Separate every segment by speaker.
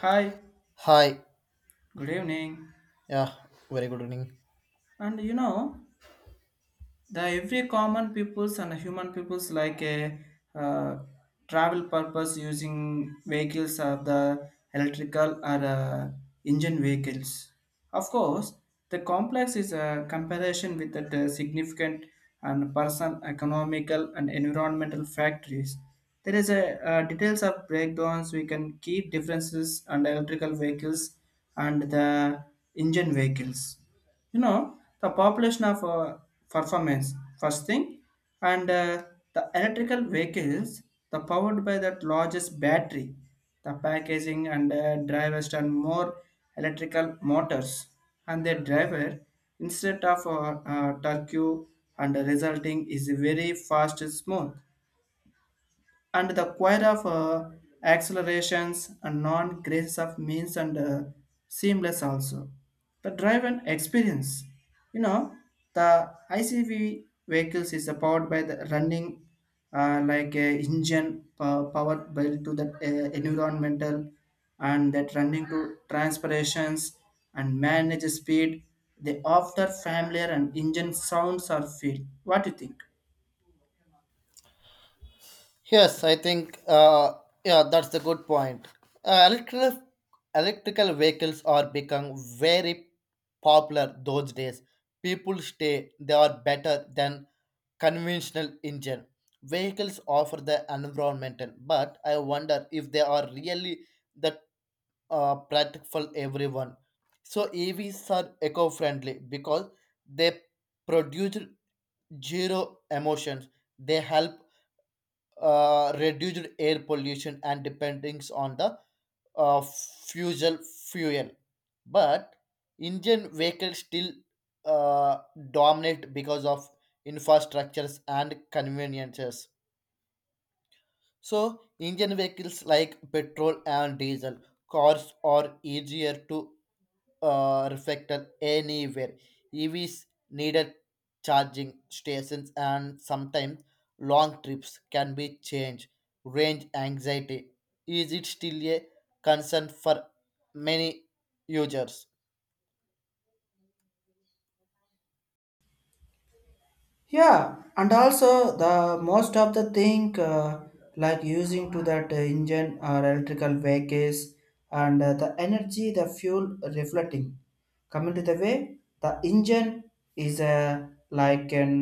Speaker 1: Hi,
Speaker 2: Hi.
Speaker 1: good evening.
Speaker 2: Yeah, very good evening.
Speaker 1: And you know, the every common peoples and human peoples like a uh, travel purpose using vehicles or the electrical or engine vehicles. Of course, the complex is a comparison with the significant and person economical and environmental factors. There is a details of breakdowns. We can keep differences and electrical vehicles and the engine vehicles, you know, the population of performance first thing and the electrical vehicles the powered by that largest battery, the packaging and drivers and more electrical motors and their driver instead of turkey, and the resulting is very fast and smooth, and the choir of accelerations and non-graces of means and seamless also. The drive and experience, you know, the ICV vehicles is powered by the running like a engine powered by to the environmental and that running to transpirations and manage speed. They offer familiar and engine sounds or feel. What do you think?
Speaker 2: Yes, I think yeah, that's the good point. Uh, electrical electrical vehicles are become very popular those days. People say they are better than conventional engine. Vehicles offer the environmental, but I wonder if they are really that practical for everyone. So EVs are eco-friendly because they produce zero emotions. They help reduce air pollution and dependence on the fusel fuel. But Indian vehicles still uh, dominate because of infrastructures and conveniences. So Indian vehicles like petrol and diesel cars are easier to reflector anywhere. EVs needed charging stations and sometimes long trips can be changed. Range anxiety is it still a concern for many users?
Speaker 1: Yeah, and also the most of the thing like using to that engine or electrical vehicles and the energy, the fuel reflecting coming to the way the engine is a like an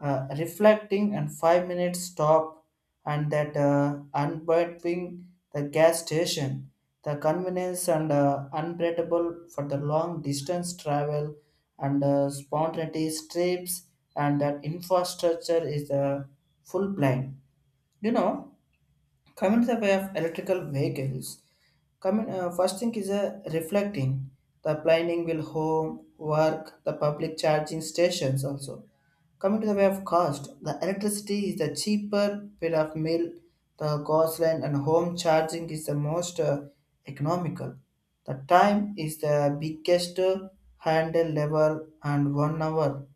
Speaker 1: reflecting and 5 minute stop and that unbinding the gas station, the convenience and unbeatable for the long distance travel and spontaneous trips, and that infrastructure is a full blind, you know, coming to the way of electrical vehicles. Coming, first thing is a reflecting. The planning will home, work, the public charging stations also. Coming to the way of cost, the electricity is the cheaper bit of mill the gasoline, and home charging is the most economical. The time is the biggest handle level and one hour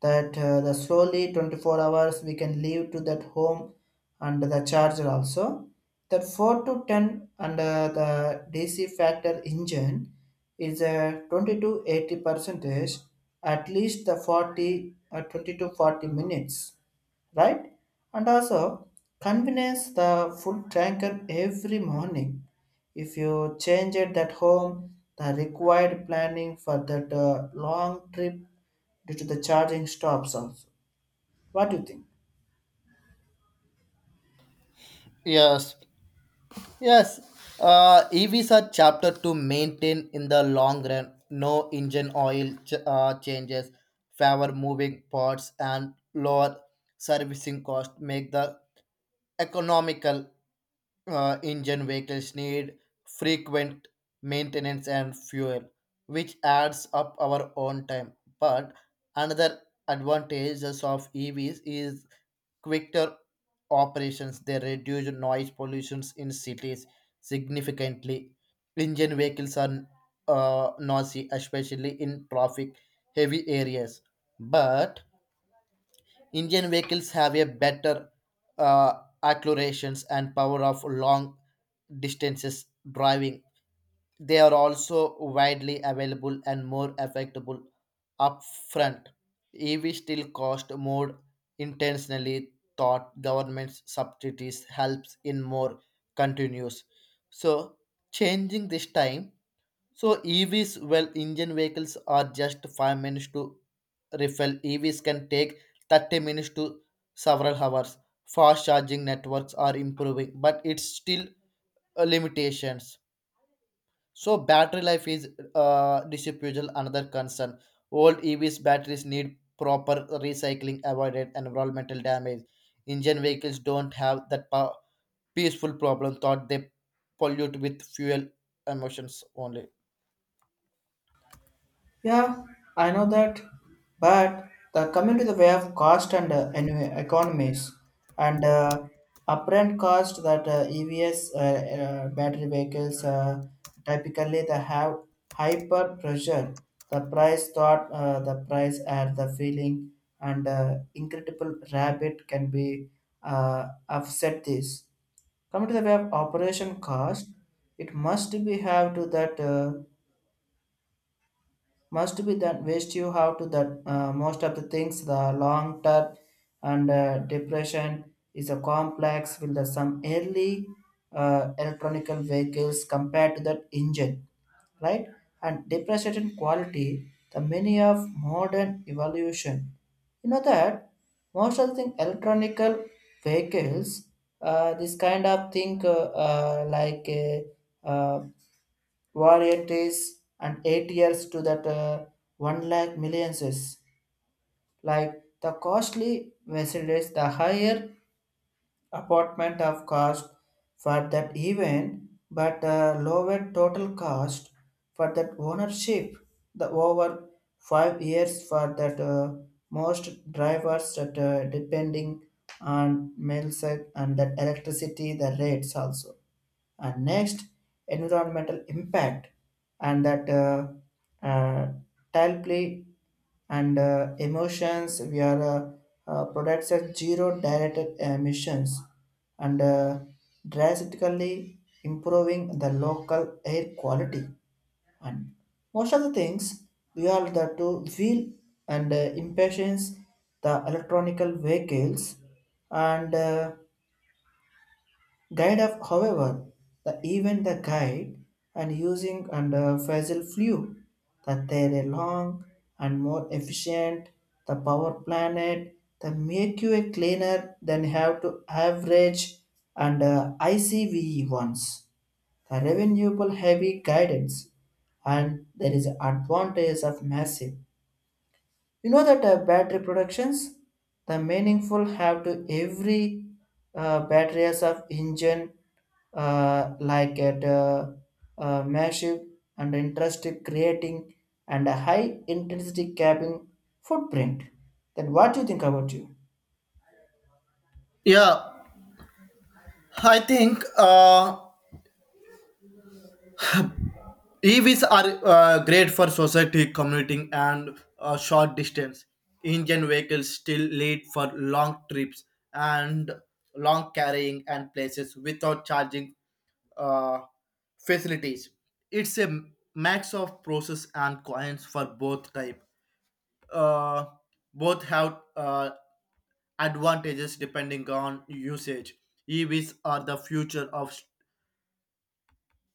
Speaker 1: that the slowly 24 hours we can leave to that home, and the charger also that 4 to 10 under the dc factor engine is a 20 to 80 percentage, at least the 40, 20 to 40 minutes, right? And also convenience, the full tanker every morning, if you change it at home the required planning for that long trip due to the charging stops also. What do you think?
Speaker 2: Yes, yes. EVs are chapter to maintain in the long run. No engine oil changes, favor moving parts, and lower servicing cost make the economical engine vehicles need frequent maintenance and fuel, which adds up our own time. But another advantages of EVs is quicker operations. They reduce noise pollutions in cities significantly. Engine vehicles are noisy, especially in traffic heavy areas. But Indian vehicles have a better uh, accelerations and power of long distances driving. They are also widely available and more affordable upfront. EV still cost more intentionally thought government subsidies helps in more continues. So changing this time so EVs, well, Indian vehicles are just 5 minutes to refill. EVs can take 30 minutes to several hours. Fast charging networks are improving, but it's still limitations. So battery life is disapproval another concern. Old EVs batteries need proper recycling, avoided environmental damage. Indian vehicles don't have that peaceful problem. Thought they pollute with fuel emissions only.
Speaker 1: Yeah, I know that, but the coming to the way of cost and anyway, economies and upfront cost that EVs battery vehicles typically they have hyper pressure. The price thought the price at the feeling and incredible rabbit can be offset this. Coming to the way of operation cost, it must be have to that. Must be that waste you have to that most of the things the long term and depression is a complex with the some early electronic vehicles compared to that engine, right? And depreciation quality, the many of modern evolution, you know that most of the thing electronic vehicles, this kind of thing uh, like uh, uh, varieties and 8 years to that one lakh millions is like the costly Mercedes, the higher apartment of cost for that event, but lower total cost for that ownership. The over 5 years for that most drivers that depending on mail site and that electricity the rates also, and next environmental impact and that uh, tile play and emotions we are products at zero directed emissions and drastically improving the local air quality, and most of the things we are the two wheel and impatience the electronical vehicles and died of, however, the event the guide and using and Faisal flew, that they are a long and more efficient the power planet the make you a cleaner than have to average and ICVE ones the renewable heavy guidance, and there is advantage of massive, you know that battery productions, the meaningful have to every battery of engine like at massive and interested creating and a high intensity cabin footprint. Then what do you think about you?
Speaker 2: Yeah, I think EVs are great for society, commuting, and short distance. Indian vehicles still lead for long trips and long carrying and places without charging uh, facilities. It's a max of process and coins for both type. Uh, both have advantages depending on usage. EVs are the future of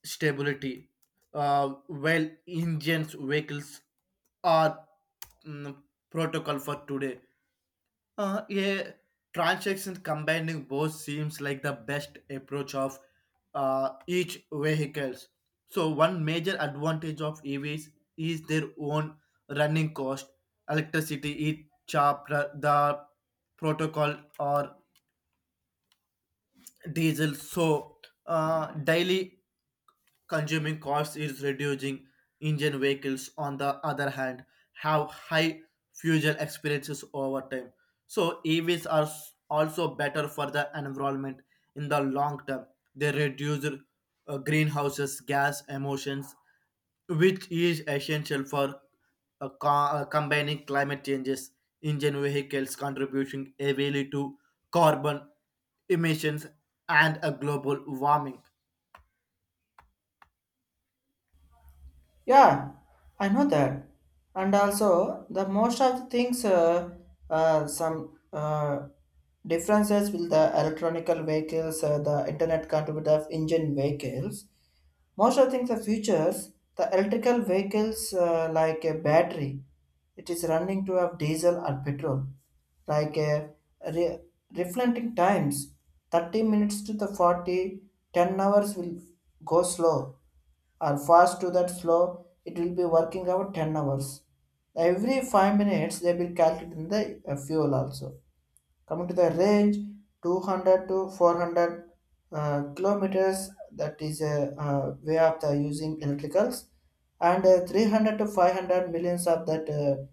Speaker 2: stability. Well, engines vehicles are mm, protocol for today. A transaction combining both seems like the best approach of each vehicles. So one major advantage of EVs is their own running cost. Electricity is cheaper the protocol or diesel. So daily consuming costs is reducing. Engine vehicles, on the other hand, have high fuel experiences over time. So EVs are also better for the environment in the long term. They reduce greenhouses gas emissions, which is essential for uh, co- combining climate changes. Engine vehicles contributing heavily to carbon emissions and a global warming.
Speaker 1: Yeah, I know that. And also, the most of the things, some differences with the electronical vehicles, the internet connected of engine vehicles, most of the things the futures the electrical vehicles like a battery, it is running to have diesel or petrol, like a re- reflecting times 30 minutes to the 40 10 hours will go slow or fast to that slow, it will be working about 10 hours, every 5 minutes they will calculate in the fuel also. Coming to the range, 200 to 400 kilometers that is a way of the using electricals, and 300 to 500 millions of that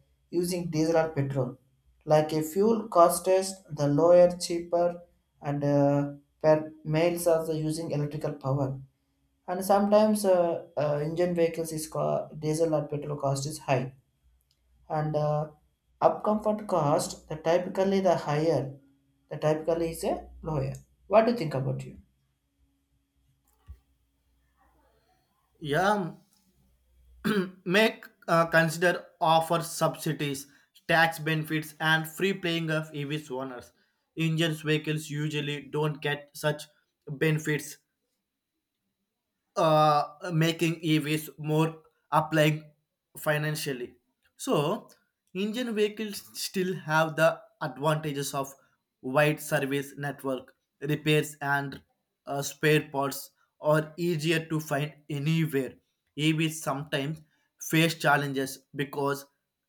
Speaker 1: using diesel or petrol, like a fuel cost is the lower cheaper, and per miles of the using electrical power, and sometimes engine vehicles is diesel or petrol cost is high and upcomfort cost the typically the higher, the typically is a lower. What do you think about you?
Speaker 2: Yeah, make consider offer subsidies, tax benefits, and free playing of EVs owners. Engines vehicles usually don't get such benefits making EVs more applying financially. So, Indian vehicles still have the advantages of wide service network, repairs and spare parts are easier to find anywhere. EVs sometimes face challenges because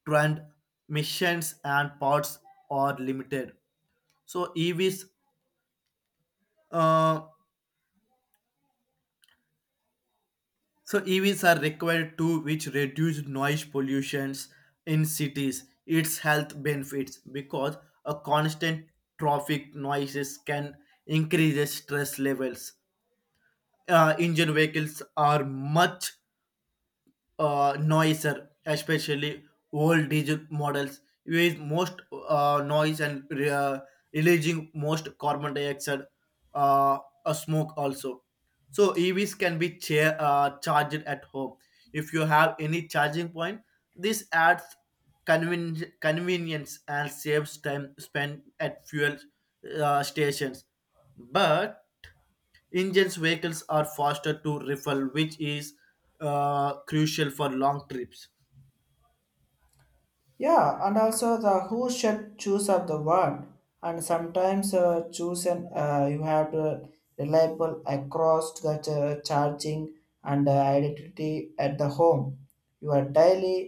Speaker 2: transmissions and parts are limited. So EVs uh, So EVs are required to which reduce noise pollutions in cities, its health benefits because a constant traffic noises can increase the stress levels. Engine vehicles are much noiser, especially old diesel models, with most noise and releasing most carbon dioxide uh, smoke also. So EVs can be charged at home. If you have any charging point, this adds convenience and saves time spent at fuel stations. But Engines vehicles are faster to refill, which is crucial for long trips.
Speaker 1: Yeah, and also the who should choose of the word, and sometimes choose an you have to reliable across the charging and identity at the home. You are daily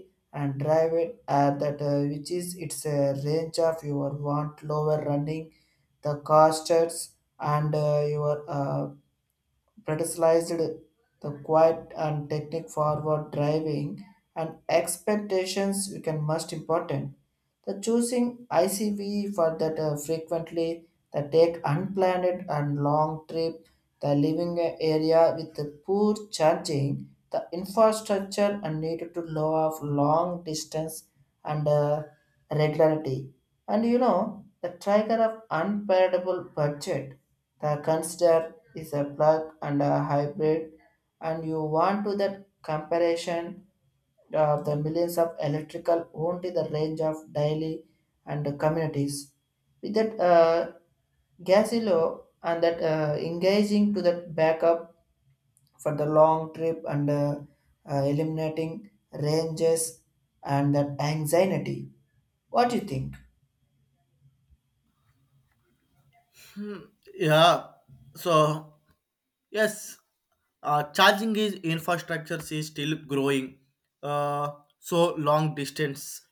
Speaker 1: and drive it at that which is its a range of your want lower running the costs and your criticized the quiet and technique forward driving and expectations become most important. The choosing ICV for that frequently the take unplanned and long trip, the living area with the poor charging, the infrastructure and needed to lower of long distance and regularity. And you know, the trigger of unpayable budget, the consider is a and a hybrid, and you want to that comparison of the millions of electrical only the range of daily and communities with that gasillo and that engaging to that backup for the long trip and eliminating ranges and that anxiety. What do you think?
Speaker 2: Yeah. So yes, charging is infrastructure is still growing. Uh, so long distance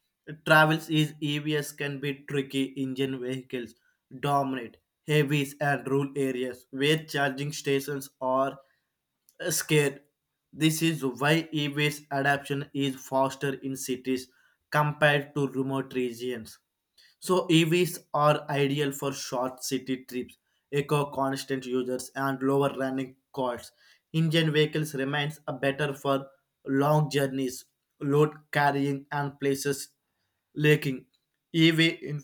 Speaker 2: travels is EVs can be tricky. Engine vehicles dominate heavies and rural areas where charging stations are scared. This is why e-waste adoption is faster in cities compared to remote regions. So EVs are ideal for short city trips, eco constant users and lower running costs. Engine vehicles remains a better for long journeys, load carrying and places lacking. EV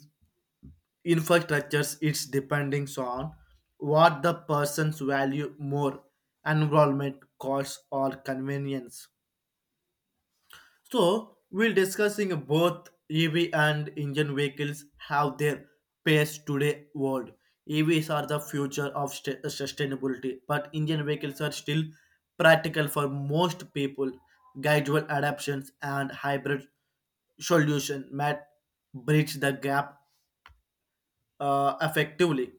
Speaker 2: infrastructures, it's depending on what the persons value more enrollment cost or convenience. So we'll discussing both EV and engine vehicles have their pace today world. EVs are the future of sustainability, but engine vehicles are still practical for most people. Gradual adaptations and hybrid solution might bridge the gap effectively.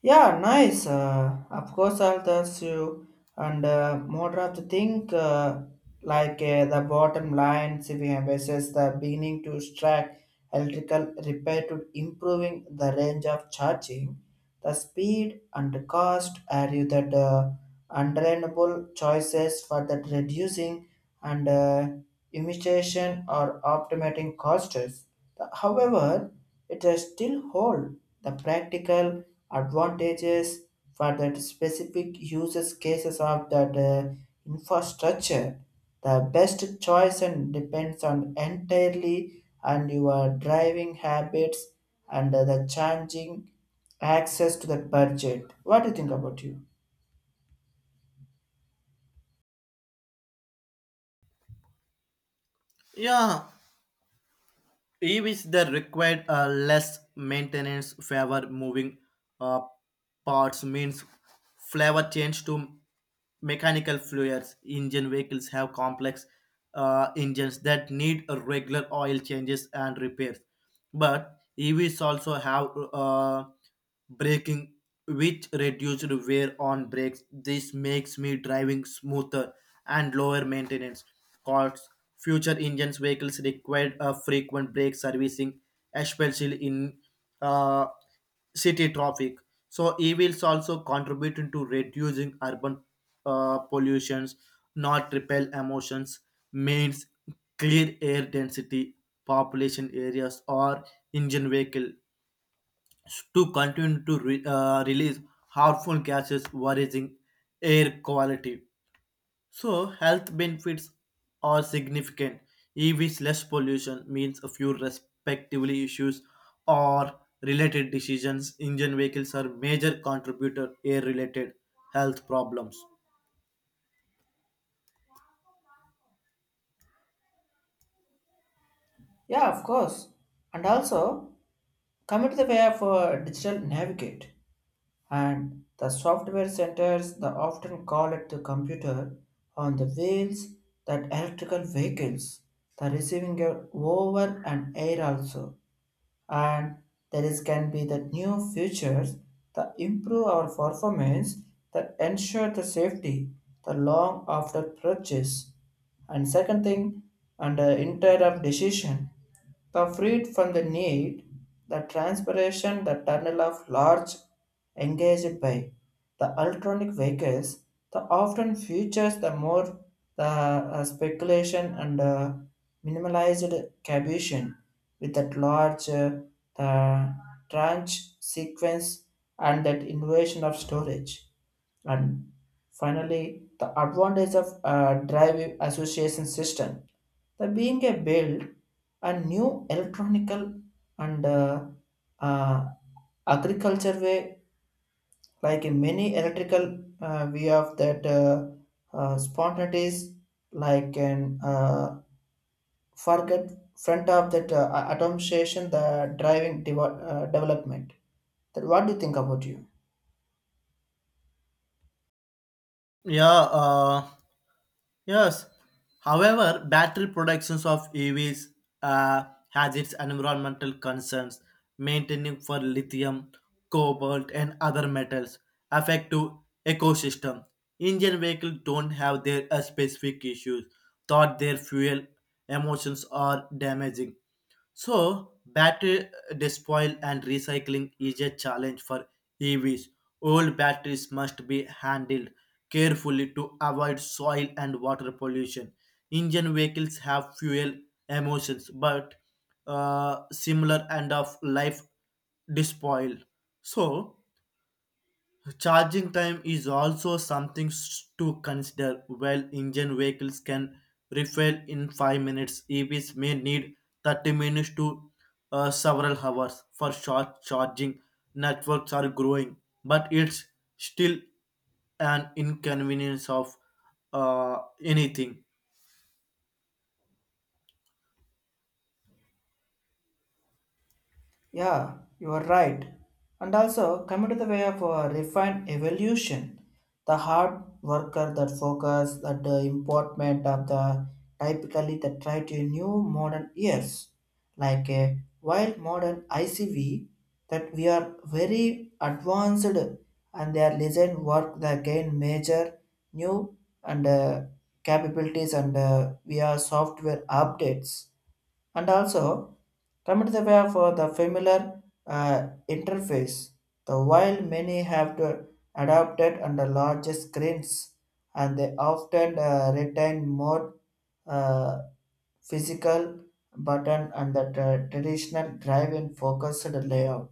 Speaker 1: Yeah, nice. Of course, I'll test you. And more of the thing, the bottom line, CVM versus the beginning to strike electrical repair to improving the range of charging, the speed and the cost are you that undeniable choices for that reducing and imitation or optimating costs. However, it does still hold the practical advantages for that specific users cases of that infrastructure. The best choice and depends on entirely on your driving habits and the changing access to the budget. What do you think about you?
Speaker 2: Yeah, EVs that required less maintenance, favor moving uh, parts means flavor change to mechanical fluids. Engine vehicles have complex engines that need a regular oil changes and repairs. But EVs also have uh, braking which reduced wear on brakes. This makes me driving smoother and lower maintenance costs. Future engines vehicles required a frequent brake servicing, especially in uh, city traffic. So e-wheels also contributing to reducing urban pollutions not repel emissions means clear air density population areas or engine vehicle to continue to release harmful gases worrying air quality. So health benefits are significant. EVs less pollution means a few respectively issues or related decisions. Engine vehicles are major contributor air related health problems.
Speaker 1: Yeah, of course. And also, come to the way of digital navigate, and the software centers the often call it the computer on the wheels, that electrical vehicles the receiving a over and air also, and there is can be the new features that improve our performance, that ensure the safety the long after purchase. And second thing, under inter of decision the freed from the need, the transpiration, the tunnel of large engaged by the electronic vehicles, the often features the more the speculation and minimalized cavitation with that large the tranche sequence and that invasion of storage. And finally, the advantage of drive association system, the being a build a new electronical and uh, agriculture way, like in many electrical way of that spontaneous, like an forget front of that atomization, the driving development. That, what do you think about you?
Speaker 2: Yeah, uh, yes. However, battery productions of EVs uh, has its environmental concerns, maintaining for lithium, cobalt, and other metals affect to ecosystem. Indian vehicles don't have their specific issues, thought their fuel emotions are damaging. So, battery despoil and recycling is a challenge for EVs. Old batteries must be handled carefully to avoid soil and water pollution. Engine vehicles have fuel emissions, but similar end of life despoil. So, charging time is also something to consider. While engine vehicles can refill in 5 minutes, EVs may need 30 minutes to several hours for short charging. Networks are growing, but it's still an inconvenience of uh, anything.
Speaker 1: Yeah, you are right. And also, coming to the way of refined evolution, the hard worker that focus at the important of the typically that try to new modern ears, like a wild modern ICV, that we are very advanced and their design work that gain major new and capabilities and via software updates. And also, come to the way for the familiar interface. The while many have to adapted under larger screens, and they often retain more uh, physical button and the traditional driving focused layout.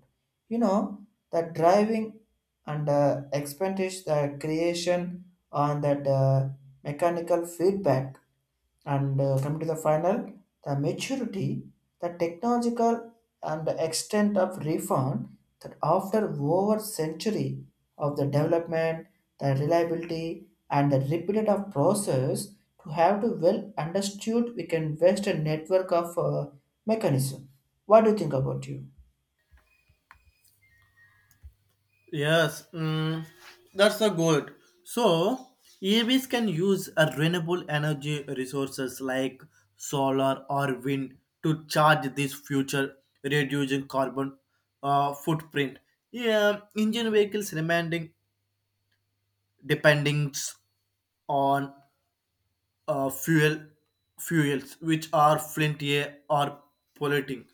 Speaker 1: You know, the driving and expendish the creation on that mechanical feedback, and coming to the final, the maturity, the technological and the extent of reform that after over century of the development, the reliability and the repeated of process to have to well understood we can invest a network of mechanism. What do you think about you?
Speaker 2: Yes, that's a good. So, EVs can use a renewable energy resources like solar or wind to charge this future, reducing carbon footprint. Yeah, engine vehicles remaining dependence on uh, fuel fuels which are flinty or polluting.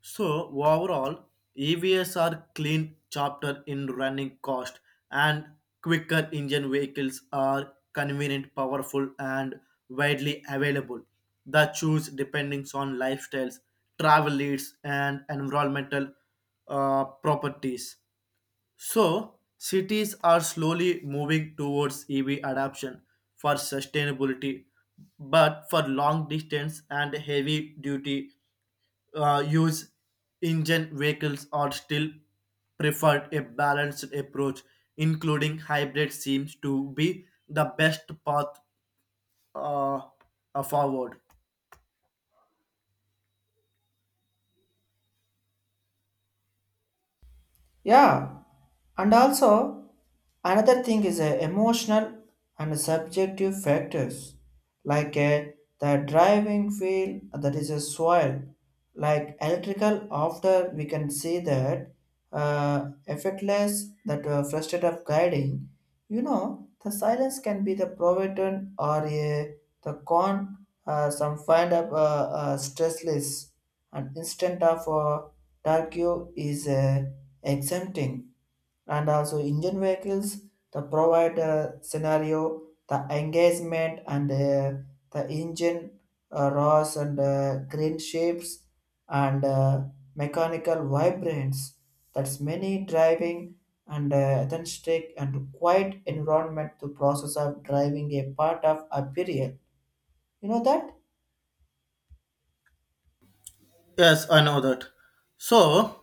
Speaker 2: So overall, EVs are clean chapter in running cost and quicker engine vehicles are convenient, powerful and widely available. The choose depending on lifestyles, travel needs and environmental properties. So, cities are slowly moving towards EV adoption for sustainability, but for long distance and heavy duty use, engine vehicles are still preferred. A balanced approach, including hybrid, seems to be the best path uh, forward.
Speaker 1: Yeah, and also, another thing is emotional and subjective factors like the driving wheel that is a soil, like electrical. After we can see that effortless that frustrated of guiding, you know, the silence can be the provident or a the con. Some find up stressless and instant of turkey is exempting, and also engine vehicles the provide scenario the engagement and the engine raws and green shapes and mechanical vibrance, that's many driving and authentic and quiet environment to process of driving a part of apparel, you know that.
Speaker 2: Yes, I know that. So,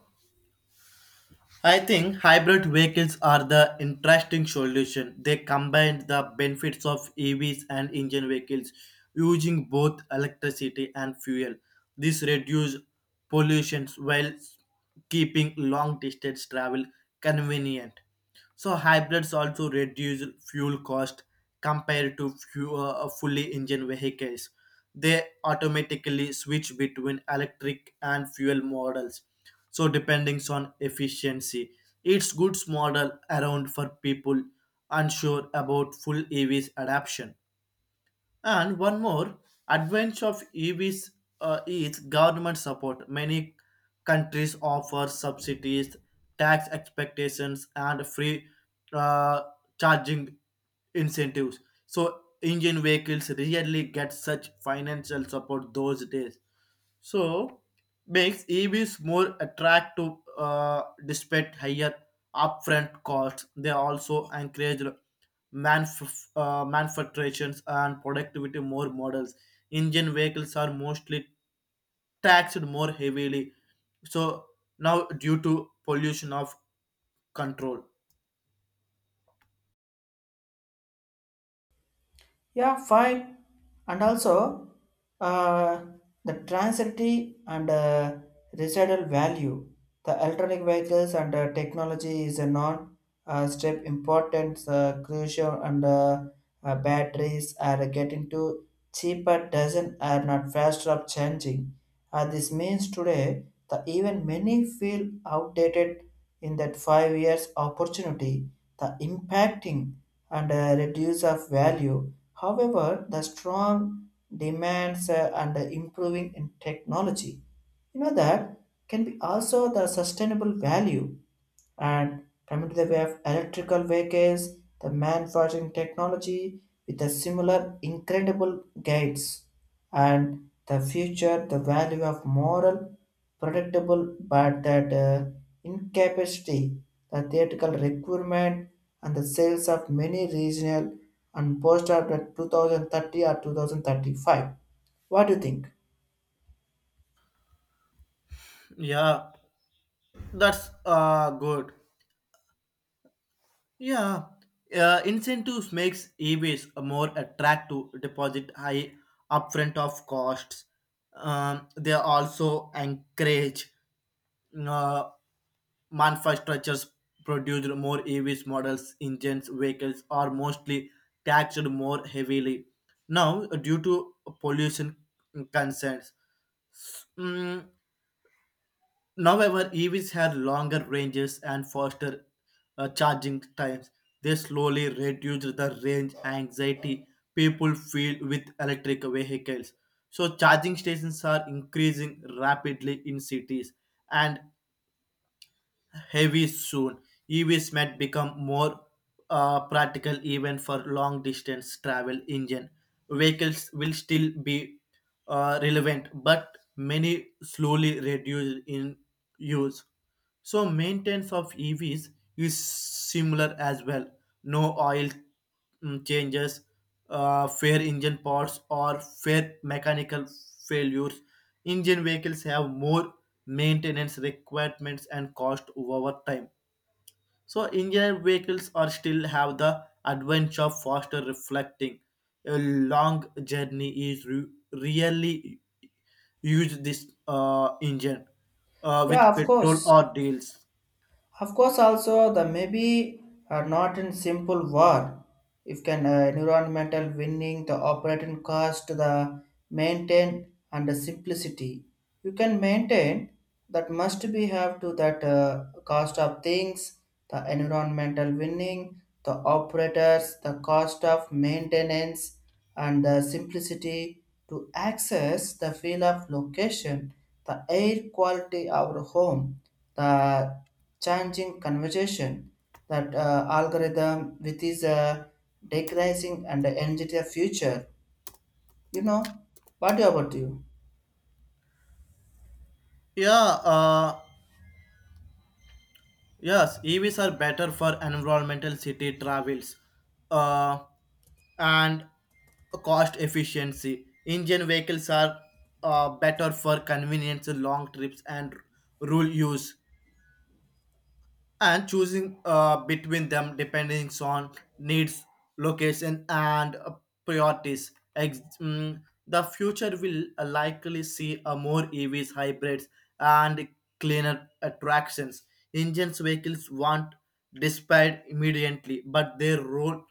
Speaker 2: I think hybrid vehicles are the interesting solution. They combine the benefits of EVs and engine vehicles using both electricity and fuel. This reduces pollution while keeping long distance travel convenient. So hybrids also reduce fuel cost compared to fully engine vehicles. They automatically switch between electric and fuel models. So depending on efficiency, it's goods model around for people unsure about full EVs adoption. And one more advantage of EVs is government support. Many countries offer subsidies, tax expectations, and free uh, charging incentives. So Indian vehicles really get such financial support those days so makes EVs more attractive despite higher upfront costs. They also encourage manufacturers and productivity more models. Indian vehicles are mostly taxed more heavily. So now due to pollution of control.
Speaker 1: Yeah, fine. And also, uh, the transity and residual value, the electronic vehicles and technology is a non-step importance, crucial, and batteries are getting to cheaper, doesn't are not faster of changing. This means today, the even many feel outdated in that 5 years opportunity, the impacting and a reduce of value. However, the strong demands and the improving in technology, you know that, can be also the sustainable value, and coming to the way of electrical vehicles, the manufacturing technology with the similar incredible gains, and the future, the value of moral, predictable, but that incapacity, the theatrical requirement and the sales of many regional and post after 2030 or 2035. What do you think?
Speaker 2: Yeah, that's good. Yeah, incentives makes EVs more attractive to deposit high upfront of costs. They also encourage uh, manufacturers produced more EVs models, engines, vehicles are mostly taxed more heavily. Now, due to pollution concerns, Mm, now, however, EVs had longer ranges and faster charging times. They slowly reduced the range anxiety people feel with electric vehicles. So, charging stations are increasing rapidly in cities, and heavy soon. EVs might become more practical even for long distance travel engine. Vehicles will still be relevant, but many slowly reduce in use. So maintenance of EVs is similar as well. No oil changes, fair engine parts, or fair mechanical failures. Engine vehicles have more maintenance requirements and cost over time. So engine vehicles are still have the advantage of faster reflecting. A long journey is really use this engine
Speaker 1: Yeah,
Speaker 2: with
Speaker 1: of
Speaker 2: petrol
Speaker 1: course.
Speaker 2: or diesels.
Speaker 1: Of course, also the maybe are not in simple war. If can environmental winning, the operating cost, the maintain and the simplicity, you can maintain that must be have to that cost of things, the environmental winning, the operators, the cost of maintenance, and the simplicity to access the feel of location, the air quality our home, the changing conversation that algorithm with is decreasing and energy the future, you know, what about you?
Speaker 2: Yeah, uh, yes, EVs are better for environmental city travels uh, and cost efficiency. Engine vehicles are better for convenience, long trips, and rural use and choosing between them depending on needs, location, and priorities. The future will likely see a more EVs, hybrids, and cleaner attractions. Engines vehicles won't despite immediately, but their role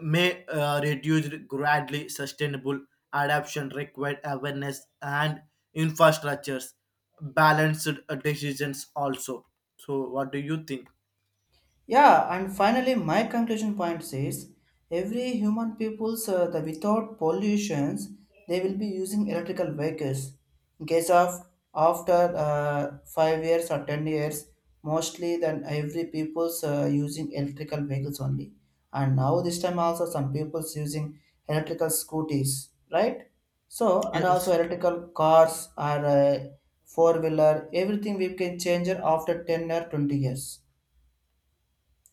Speaker 2: may reduce gradually sustainable adaptation required awareness and infrastructures balanced decisions also. So what do you think?
Speaker 1: Yeah, and finally, my conclusion point says every human people's the without pollutions, they will be using electrical vehicles. In case of after 5 years or 10 years, mostly then every people's using electrical vehicles only. And now this time also some people's using electrical scooters, right? So and also
Speaker 2: Yes.
Speaker 1: electrical cars or four wheeler, everything we can change it after 10 or 20 years.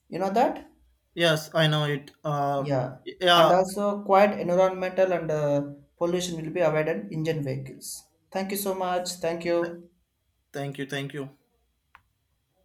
Speaker 1: You know that?
Speaker 2: Yes, I know it,
Speaker 1: Yeah, and
Speaker 2: yeah.
Speaker 1: also quiet environmental and pollution will be avoided in engine vehicles. Thank you so much. Thank
Speaker 2: th-
Speaker 1: you.
Speaker 2: Thank you. Thank you.